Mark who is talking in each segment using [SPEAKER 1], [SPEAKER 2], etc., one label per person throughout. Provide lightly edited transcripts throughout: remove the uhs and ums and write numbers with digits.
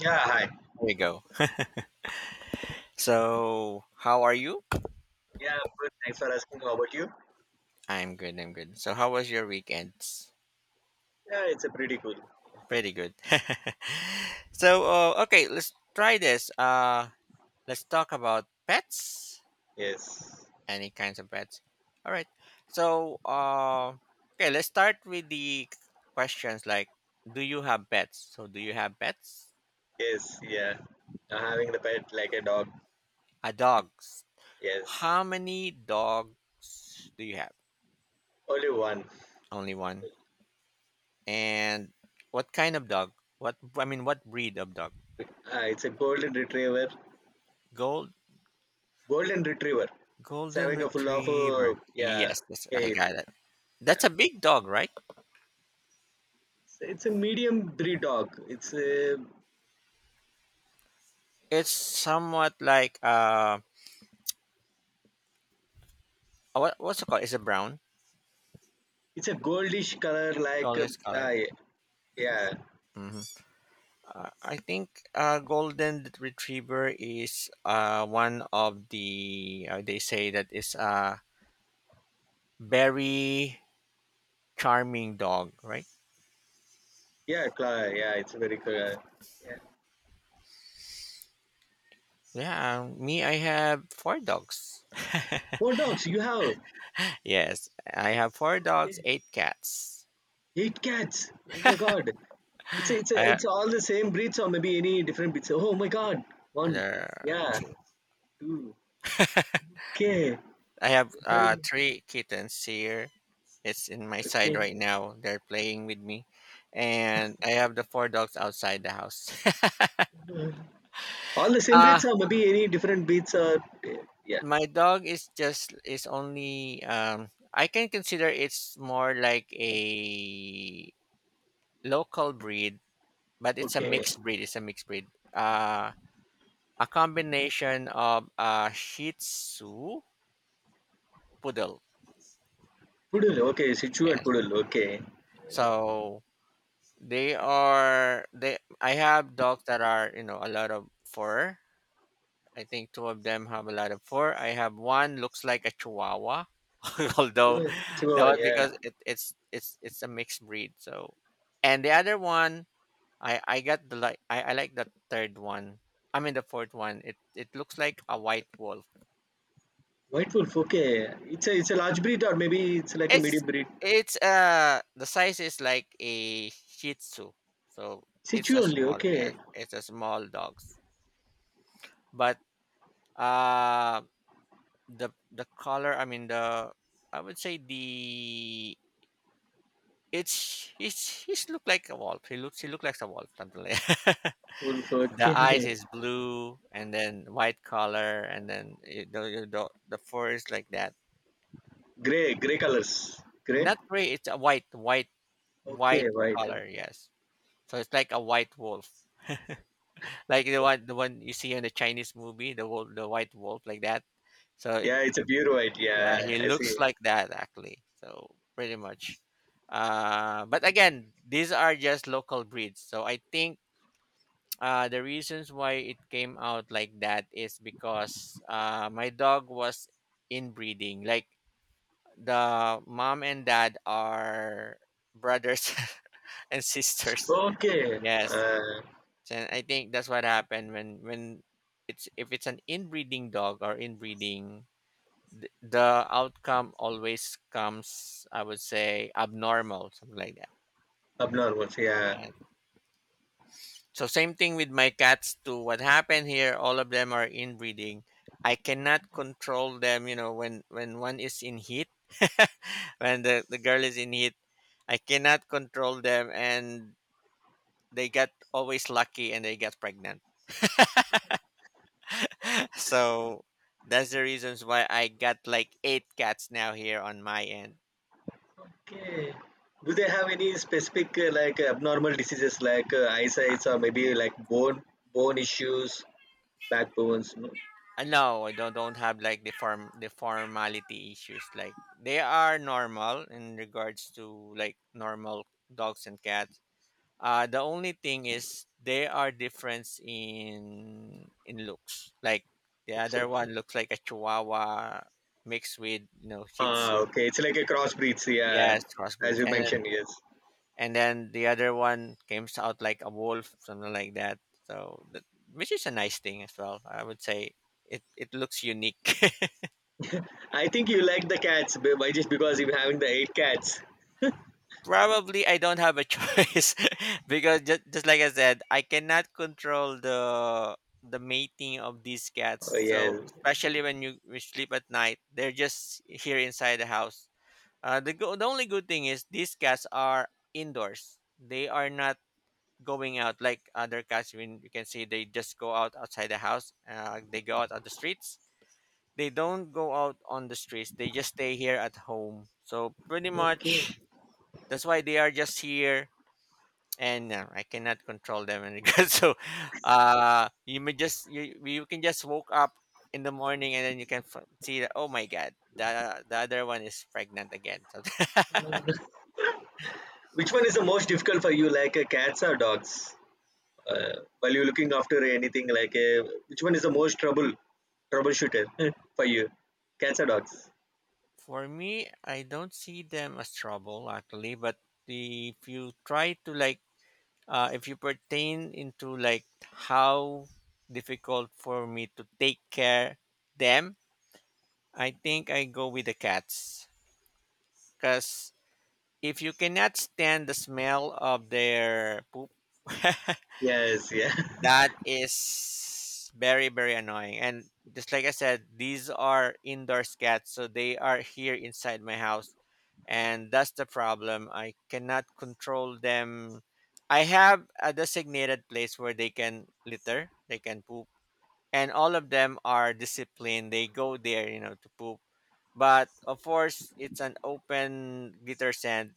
[SPEAKER 1] Yeah, hi.
[SPEAKER 2] There you go. So, how are you?
[SPEAKER 1] Yeah, I'm good. Thanks for asking. How about you?
[SPEAKER 2] I'm good. I'm good. So, how was your weekends?
[SPEAKER 1] Yeah, it's a pretty cool.
[SPEAKER 2] Pretty good. Okay, let's try this. Let's talk about pets.
[SPEAKER 1] Yes.
[SPEAKER 2] Any kinds of pets. All right. So, uh, okay, let's start with the questions like, do you have pets? So, do you have pets?
[SPEAKER 1] Yes, yeah. Having the pet like a dog.
[SPEAKER 2] A dogs.
[SPEAKER 1] Yes.
[SPEAKER 2] How many dogs do you have?
[SPEAKER 1] Only one.
[SPEAKER 2] Only one. And what kind of dog? What I mean, what breed of dog?
[SPEAKER 1] It's a golden retriever.
[SPEAKER 2] Gold
[SPEAKER 1] Golden retriever. It's
[SPEAKER 2] Golden
[SPEAKER 1] having a full of
[SPEAKER 2] retriever.
[SPEAKER 1] yeah,
[SPEAKER 2] Yes, that's, I
[SPEAKER 1] hair.
[SPEAKER 2] got it.
[SPEAKER 1] Yeah.
[SPEAKER 2] That's a big dog, right?
[SPEAKER 1] It's a medium breed dog. It's a
[SPEAKER 2] It's somewhat like what's it called? Is it brown?
[SPEAKER 1] it's a goldish color like
[SPEAKER 2] Color is
[SPEAKER 1] uh,
[SPEAKER 2] color.
[SPEAKER 1] yeah.
[SPEAKER 2] Hmm. I think golden retriever is one of the they say that is a very charming dog, right?
[SPEAKER 1] Yeah, color. Yeah, it's very color. Yeah.
[SPEAKER 2] Yeah, me, I have four dogs.
[SPEAKER 1] Four dogs you have.
[SPEAKER 2] Yes, I have four
[SPEAKER 1] Yeah.
[SPEAKER 2] dogs, eight cats.
[SPEAKER 1] Eight cats. Oh my god. It's a, it's a,
[SPEAKER 2] I
[SPEAKER 1] it's all the same breeds or maybe any different breeds. Oh my god! One,
[SPEAKER 2] There,
[SPEAKER 1] yeah,
[SPEAKER 2] two.
[SPEAKER 1] two, okay,
[SPEAKER 2] I have
[SPEAKER 1] three,
[SPEAKER 2] three kittens here. It's in my side
[SPEAKER 1] okay.
[SPEAKER 2] right now. They're playing with me, and I have the four dogs outside the house.
[SPEAKER 1] All the same
[SPEAKER 2] uh
[SPEAKER 1] breeds or maybe any different breeds or yeah,
[SPEAKER 2] my dog is just is only, I can consider it's more like a local breed, but it's a
[SPEAKER 1] okay.
[SPEAKER 2] mixed breed. It's a mixed breed. A combination of Shih Tzu poodle.
[SPEAKER 1] Poodle, okay, Sichuan
[SPEAKER 2] Yes.
[SPEAKER 1] poodle, okay.
[SPEAKER 2] So they are they, I have dogs that are, you know, a lot of fur. I think two of them have a lot of fur. I have one looks like a chihuahua, although
[SPEAKER 1] Chihuahua,
[SPEAKER 2] that
[SPEAKER 1] Chihuahua,
[SPEAKER 2] was
[SPEAKER 1] yeah.
[SPEAKER 2] because it, it's it's a mixed breed. So, and the other one, I got the like I like the third one. I mean the fourth one. It looks like a white wolf.
[SPEAKER 1] White wolf, okay. It's a
[SPEAKER 2] So
[SPEAKER 1] large breed or maybe it's like a
[SPEAKER 2] it's
[SPEAKER 1] medium breed.
[SPEAKER 2] the size is like a Shih Tzu. So it's
[SPEAKER 1] Sichu
[SPEAKER 2] a
[SPEAKER 1] only,
[SPEAKER 2] small, yes,
[SPEAKER 1] okay.
[SPEAKER 2] it's a small dog, but uh the color, I mean, the, I would say the, it's he's look like a wolf, he looks, he look like a wolf, something like
[SPEAKER 1] Wolf,
[SPEAKER 2] the
[SPEAKER 1] okay.
[SPEAKER 2] eyes is blue and then white color, and then it, the, the fur is like that,
[SPEAKER 1] Gray, gray colors, gray.
[SPEAKER 2] not gray, it's a white, white
[SPEAKER 1] Okay,
[SPEAKER 2] white
[SPEAKER 1] white.
[SPEAKER 2] color. Yes. So it's like a white wolf, like the one, the one you see in the Chinese movie, the wolf, the white wolf like that. So
[SPEAKER 1] Yeah, it's a pure white.
[SPEAKER 2] yeah,
[SPEAKER 1] Yeah,
[SPEAKER 2] he
[SPEAKER 1] I see.
[SPEAKER 2] looks like that actually. So pretty much. But again, these are just local breeds. So I think, the reasons why it came out like that is because my dog was inbreeding. Like the mom and dad are brothers and sisters.
[SPEAKER 1] Okay,
[SPEAKER 2] Yes, and I think that's what happened when it's, if it's an inbreeding dog or inbreeding, the outcome always comes, I would say, abnormal, something like that.
[SPEAKER 1] abnormals. Yeah.
[SPEAKER 2] Yeah. So same thing with my cats too. What happened here, all of them are inbreeding. I cannot control them, you know, when one is in heat. When the girl is in heat, I cannot control them, and they got always lucky, and they got pregnant. So that's the reasons why I got like eight cats now here on my end.
[SPEAKER 1] Okay. Do they have any specific like abnormal diseases like eyesight or maybe like bone issues, backbones? No.
[SPEAKER 2] No, I don't have like the formality issues. Like they are normal in regards to like normal dogs and cats. The only thing is they are difference in looks. Like the
[SPEAKER 1] It's
[SPEAKER 2] other
[SPEAKER 1] okay.
[SPEAKER 2] one looks like a Chihuahua mixed with, you know, Shih
[SPEAKER 1] Ah,
[SPEAKER 2] Tzu.
[SPEAKER 1] okay. It's like a crossbreeds. Yeah,
[SPEAKER 2] Yes,
[SPEAKER 1] as
[SPEAKER 2] crossbreeds,
[SPEAKER 1] you
[SPEAKER 2] and
[SPEAKER 1] mentioned. Yes.
[SPEAKER 2] and then the other one comes out like a wolf, something like that. So that, which is a nice thing as well. I would say it, it looks unique.
[SPEAKER 1] I think you like the cats by just because you're having the eight cats.
[SPEAKER 2] Probably I don't have a choice because just like I said, I cannot control the mating of these
[SPEAKER 1] Oh
[SPEAKER 2] cats.
[SPEAKER 1] yes.
[SPEAKER 2] So especially when you we sleep at night, they're just here inside the house. The the only good thing is these cats are indoors. They are not going out like other cats. When you can see they just go out outside the house. They go out on the streets. They don't go out on the streets. They just stay here at home. So pretty much that's why they are just here, and I cannot control them in regards. So, you may just, you can just woke up in the morning, and then you can see that, oh my god, the other one is pregnant again. So
[SPEAKER 1] Which one is the most difficult for you, like cats or dogs? While you're looking after anything like which one is the most trouble troubleshooter for you cats or dogs?
[SPEAKER 2] For me, I don't see them as trouble actually, but the, if you try to like, if you pertain into like how difficult for me to take care them, I think I go with the cats because if you cannot stand the smell of their poop,
[SPEAKER 1] Yes, yeah.
[SPEAKER 2] that is very, very annoying. And just like I said, these are indoor cats, so they are here inside my house. And that's the problem. I cannot control them. I have a designated place where they can litter, they can poop, and all of them are disciplined. They go there, you know, to poop. But of course, it's an open litter sand,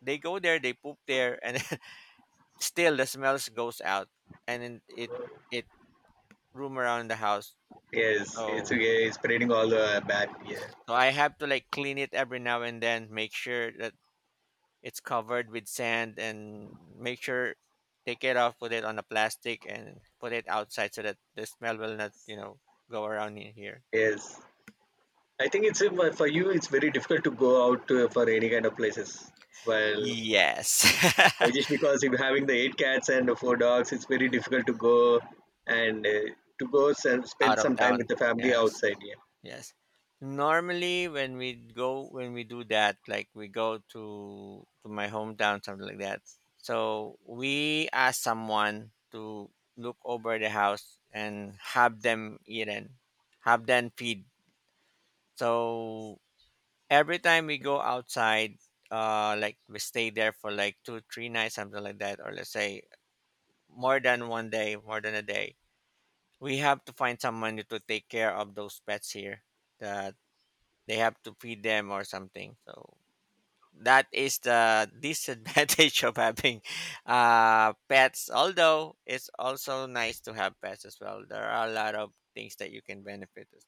[SPEAKER 2] they go there, they poop there, and still the smells goes out, and then it room around the house.
[SPEAKER 1] Yes, it's
[SPEAKER 2] So
[SPEAKER 1] okay. It's spreading all the bad, yeah,
[SPEAKER 2] so I have to like clean it every now and then, make sure that it's covered with sand, and make sure, take it off, put it on a plastic, and put it outside so that the smell will not, you know, go around in here.
[SPEAKER 1] yes. I think it's for you it's very difficult to go out for any kind of places, well,
[SPEAKER 2] Yes.
[SPEAKER 1] just because if having the eight cats and the four dogs, it's very difficult to go and to go and spend
[SPEAKER 2] Out of
[SPEAKER 1] some time with
[SPEAKER 2] town.
[SPEAKER 1] the family
[SPEAKER 2] Yes.
[SPEAKER 1] outside, yeah,
[SPEAKER 2] Yes. Normally when we go, when we do that, like we go to my hometown, something like that. So we ask someone to look over the house and have them eaten, have them feed. So every time we go outside, like we stay there for like two, three nights, something like that, or let's say more than one day, more than a day, we have to find someone to take care of those pets here, that they have to feed them or something. So that is the disadvantage of having pets, although it's also nice to have pets as well. There are a lot of things that you can benefit as-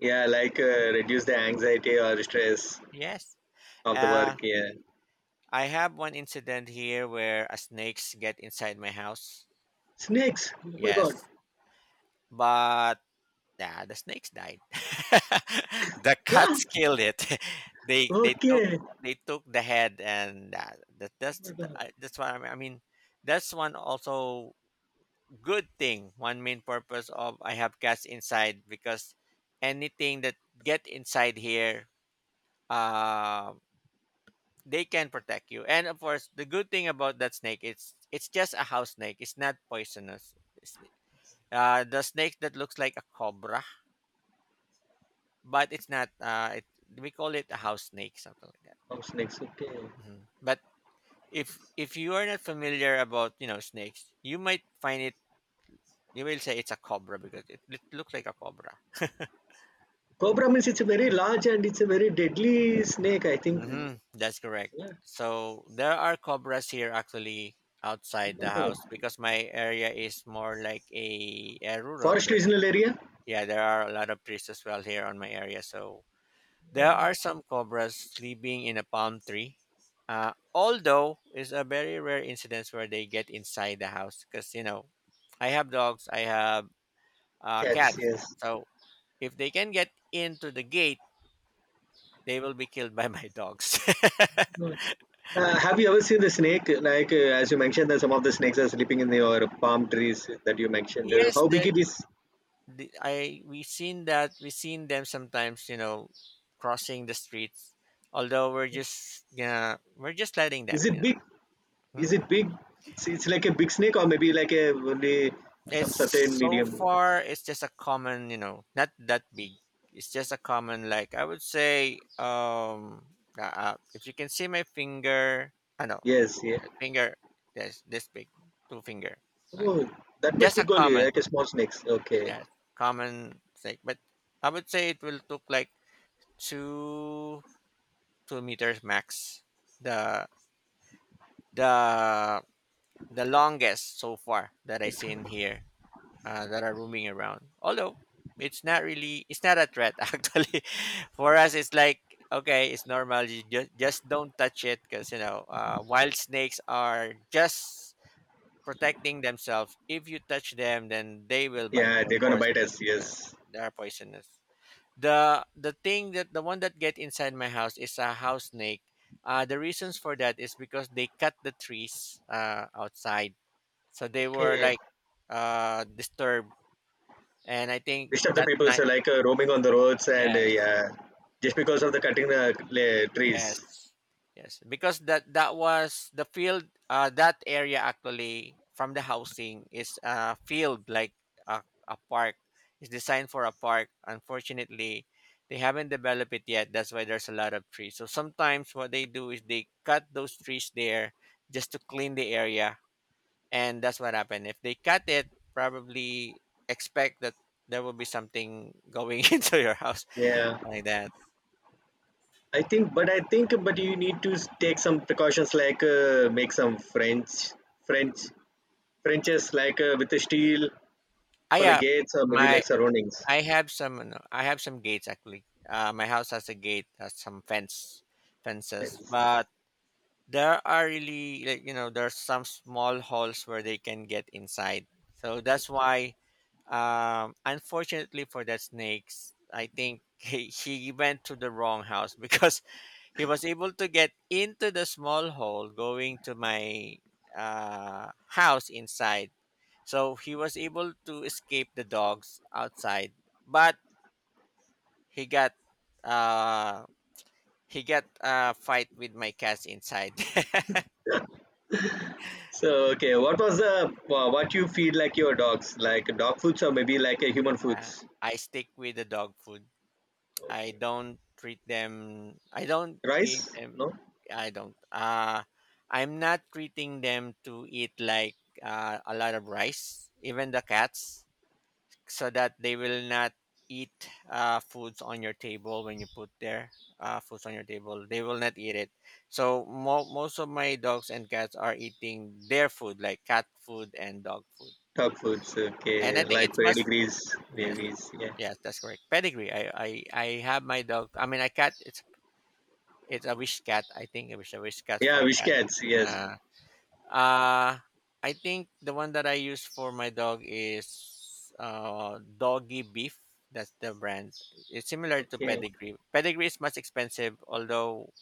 [SPEAKER 1] yeah. Like reduce the anxiety or stress
[SPEAKER 2] Yes.
[SPEAKER 1] of the work,
[SPEAKER 2] uh
[SPEAKER 1] yeah.
[SPEAKER 2] I have one incident here where a snakes get inside my house.
[SPEAKER 1] Snakes.
[SPEAKER 2] Yes, but nah, the snakes died. The
[SPEAKER 1] Yeah.
[SPEAKER 2] cats killed it. They took,
[SPEAKER 1] Okay.
[SPEAKER 2] they took the head, and that's the, I, that's what I mean. I mean, that's one also good thing. One main purpose of I have cats inside because anything that get inside here, uh, they can protect you. And of course, the good thing about that snake, it's just a house snake. It's not poisonous. It's, the snake that looks like a cobra, but it's not we call it a house snake, something like that.
[SPEAKER 1] Oh, snakes. Okay.
[SPEAKER 2] Hmm. But if you are not familiar about, you know, snakes, you might find it, you will say it's a cobra because it looks like a cobra.
[SPEAKER 1] Cobra means it's a very large and it's a very deadly snake, I think.
[SPEAKER 2] Hmm. That's correct. So there are cobras here actually outside the house because my area is more like a rural
[SPEAKER 1] Forest
[SPEAKER 2] there.
[SPEAKER 1] regional area.
[SPEAKER 2] Yeah, there are a lot of trees as well here on my area. So there are some cobras sleeping in a palm tree. Although it's a very rare incidence where they get inside the house because, you know, I have dogs, I have
[SPEAKER 1] Cats.
[SPEAKER 2] cats.
[SPEAKER 1] Yes.
[SPEAKER 2] So if they can get into the gate, they will be killed by my dogs.
[SPEAKER 1] Have you ever seen the snake? Like as you mentioned, that some of the snakes are sleeping in your palm trees that you mentioned.
[SPEAKER 2] Yes,
[SPEAKER 1] How big
[SPEAKER 2] the,
[SPEAKER 1] it is?
[SPEAKER 2] the I, we seen that. We seen them sometimes, you know, crossing the streets. Although we're just, yeah, we're just letting
[SPEAKER 1] Is
[SPEAKER 2] them,
[SPEAKER 1] it
[SPEAKER 2] you
[SPEAKER 1] big?
[SPEAKER 2] know.
[SPEAKER 1] Is it big? It's like a big snake or maybe like a only some
[SPEAKER 2] It's
[SPEAKER 1] certain
[SPEAKER 2] so
[SPEAKER 1] medium.
[SPEAKER 2] far, it's just a common, you know, not that big. It's just a common, like I would say, if you can see my finger, I know,
[SPEAKER 1] Yes. Yeah.
[SPEAKER 2] finger, this big, two finger. Like
[SPEAKER 1] Oh,
[SPEAKER 2] that.
[SPEAKER 1] that much
[SPEAKER 2] Just a
[SPEAKER 1] big only,
[SPEAKER 2] common,
[SPEAKER 1] like a small snakes. Okay.
[SPEAKER 2] yes, common thing. But I would say it will took like two two meters max. The the the longest so far that I seen here, that are roaming around. Although it's not really, it's not a threat actually. For us, it's like, okay, it's normal. You just don't touch it because, you know, wild snakes are just protecting themselves. If you touch them, then they will bite
[SPEAKER 1] Yeah,
[SPEAKER 2] you.
[SPEAKER 1] they're
[SPEAKER 2] Of
[SPEAKER 1] gonna
[SPEAKER 2] course,
[SPEAKER 1] bite us.
[SPEAKER 2] uh,
[SPEAKER 1] Yes.
[SPEAKER 2] they are poisonous. The thing that, the one that get inside my house is a house snake. The reasons for that is because they cut the trees outside, so they were
[SPEAKER 1] Okay.
[SPEAKER 2] like disturbed, and I think
[SPEAKER 1] Disturb the
[SPEAKER 2] that
[SPEAKER 1] people so,
[SPEAKER 2] night,
[SPEAKER 1] like roaming on the roads and
[SPEAKER 2] yes,
[SPEAKER 1] yeah, just because of the cutting the trees,
[SPEAKER 2] yes, yes, because that was the field. That area actually from the housing is a field, like a park. It's designed for a park. Unfortunately, they haven't developed it yet. That's why there's a lot of trees. So sometimes what they do is they cut those trees there just to clean the area, and that's what happened. If they cut it, probably expect that there will be something going into your house
[SPEAKER 1] yeah.
[SPEAKER 2] like that.
[SPEAKER 1] I think, but you need to take some precautions like make some french french frenches like with the steel
[SPEAKER 2] I
[SPEAKER 1] for the
[SPEAKER 2] yeah,
[SPEAKER 1] gates or maybe like
[SPEAKER 2] my
[SPEAKER 1] surroundings.
[SPEAKER 2] I have some I have some gates actually. My house has a gate, has some fences,
[SPEAKER 1] That's—
[SPEAKER 2] but there are really like, you know, there's some small holes where they can get inside. So that's why, unfortunately for that snakes, I think he went to the wrong house because he was able to get into the small hole going to my house inside. So he was able to escape the dogs outside, but he got uh he got a fight with my cats inside.
[SPEAKER 1] so okay, what was the what you feed like your dogs, like dog foods or maybe like a human foods?
[SPEAKER 2] Uh, I stick with the dog food. I
[SPEAKER 1] Okay.
[SPEAKER 2] don't treat them. I don't give
[SPEAKER 1] Rice?
[SPEAKER 2] them.
[SPEAKER 1] No.
[SPEAKER 2] I don't. I'm not treating them to eat like a lot of rice. Even the cats. So that they will not eat foods on your table. When you put their foods on your table they will not eat it. So most of my dogs and cats are eating their food like cat food and dog food.
[SPEAKER 1] Dog foods,
[SPEAKER 2] And
[SPEAKER 1] okay.
[SPEAKER 2] I think
[SPEAKER 1] Like
[SPEAKER 2] it's must.
[SPEAKER 1] pedigrees,
[SPEAKER 2] Yes.
[SPEAKER 1] gravies.
[SPEAKER 2] Yes, that's correct. Pedigree, I have my dog, I mean a cat, it's a wish cat. I think I wish a wish cat
[SPEAKER 1] Yeah,
[SPEAKER 2] for cat.
[SPEAKER 1] Wishcats. Yes.
[SPEAKER 2] uh uh, I think the one that I use for my dog is Doggy Beef. That's the brand. It's similar to
[SPEAKER 1] Okay.
[SPEAKER 2] Pedigree. Pedigree is much expensive, although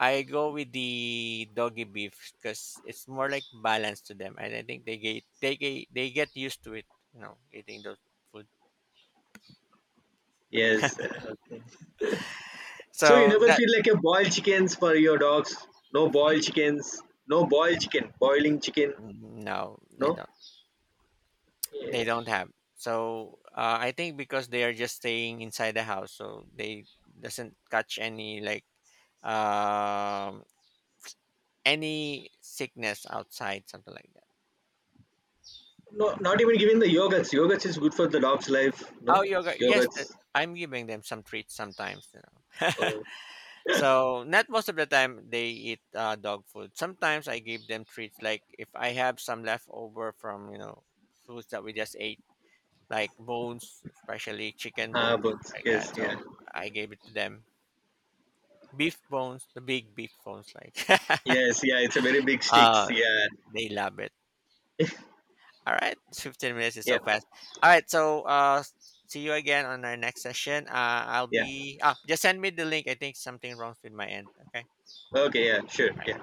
[SPEAKER 2] I go with the Doggy Beef because it's more like balance to them, and I think they get used to it. You know, eating those food.
[SPEAKER 1] Yes. Okay. So you
[SPEAKER 2] So
[SPEAKER 1] never
[SPEAKER 2] that,
[SPEAKER 1] feel like a boiled chickens for your dogs. No boiled chickens. No boiled chicken. Boiling chicken.
[SPEAKER 2] mm, no, they
[SPEAKER 1] No.
[SPEAKER 2] don't. They don't have. So I think because they are just staying inside the house, so they doesn't catch any like um, any sickness outside, something like that.
[SPEAKER 1] No. Not even giving the yogurts. Yogurts is good for the dog's life. No.
[SPEAKER 2] Oh, yoga. Yes,
[SPEAKER 1] Yogurts.
[SPEAKER 2] I'm giving them some treats sometimes. You know,
[SPEAKER 1] Uh,
[SPEAKER 2] so not most of the time they eat dog food. Sometimes I give them treats, like if I have some leftover from, you know, foods that we just ate, like bones, especially chicken
[SPEAKER 1] ah,
[SPEAKER 2] bones,
[SPEAKER 1] but
[SPEAKER 2] like
[SPEAKER 1] yes.
[SPEAKER 2] that.
[SPEAKER 1] Yeah.
[SPEAKER 2] So I gave it to them. Beef bones, the big beef bones, like
[SPEAKER 1] Yes. Yeah. It's a very big sticks.
[SPEAKER 2] uh,
[SPEAKER 1] Yeah.
[SPEAKER 2] they love it. All right, 15 minutes is
[SPEAKER 1] Yeah.
[SPEAKER 2] so fast. All right, so see you again on our next session. I'll
[SPEAKER 1] Yeah.
[SPEAKER 2] be, just send me the link. I think something wrong with my end. Okay.
[SPEAKER 1] Okay. Yeah. Sure. Yeah.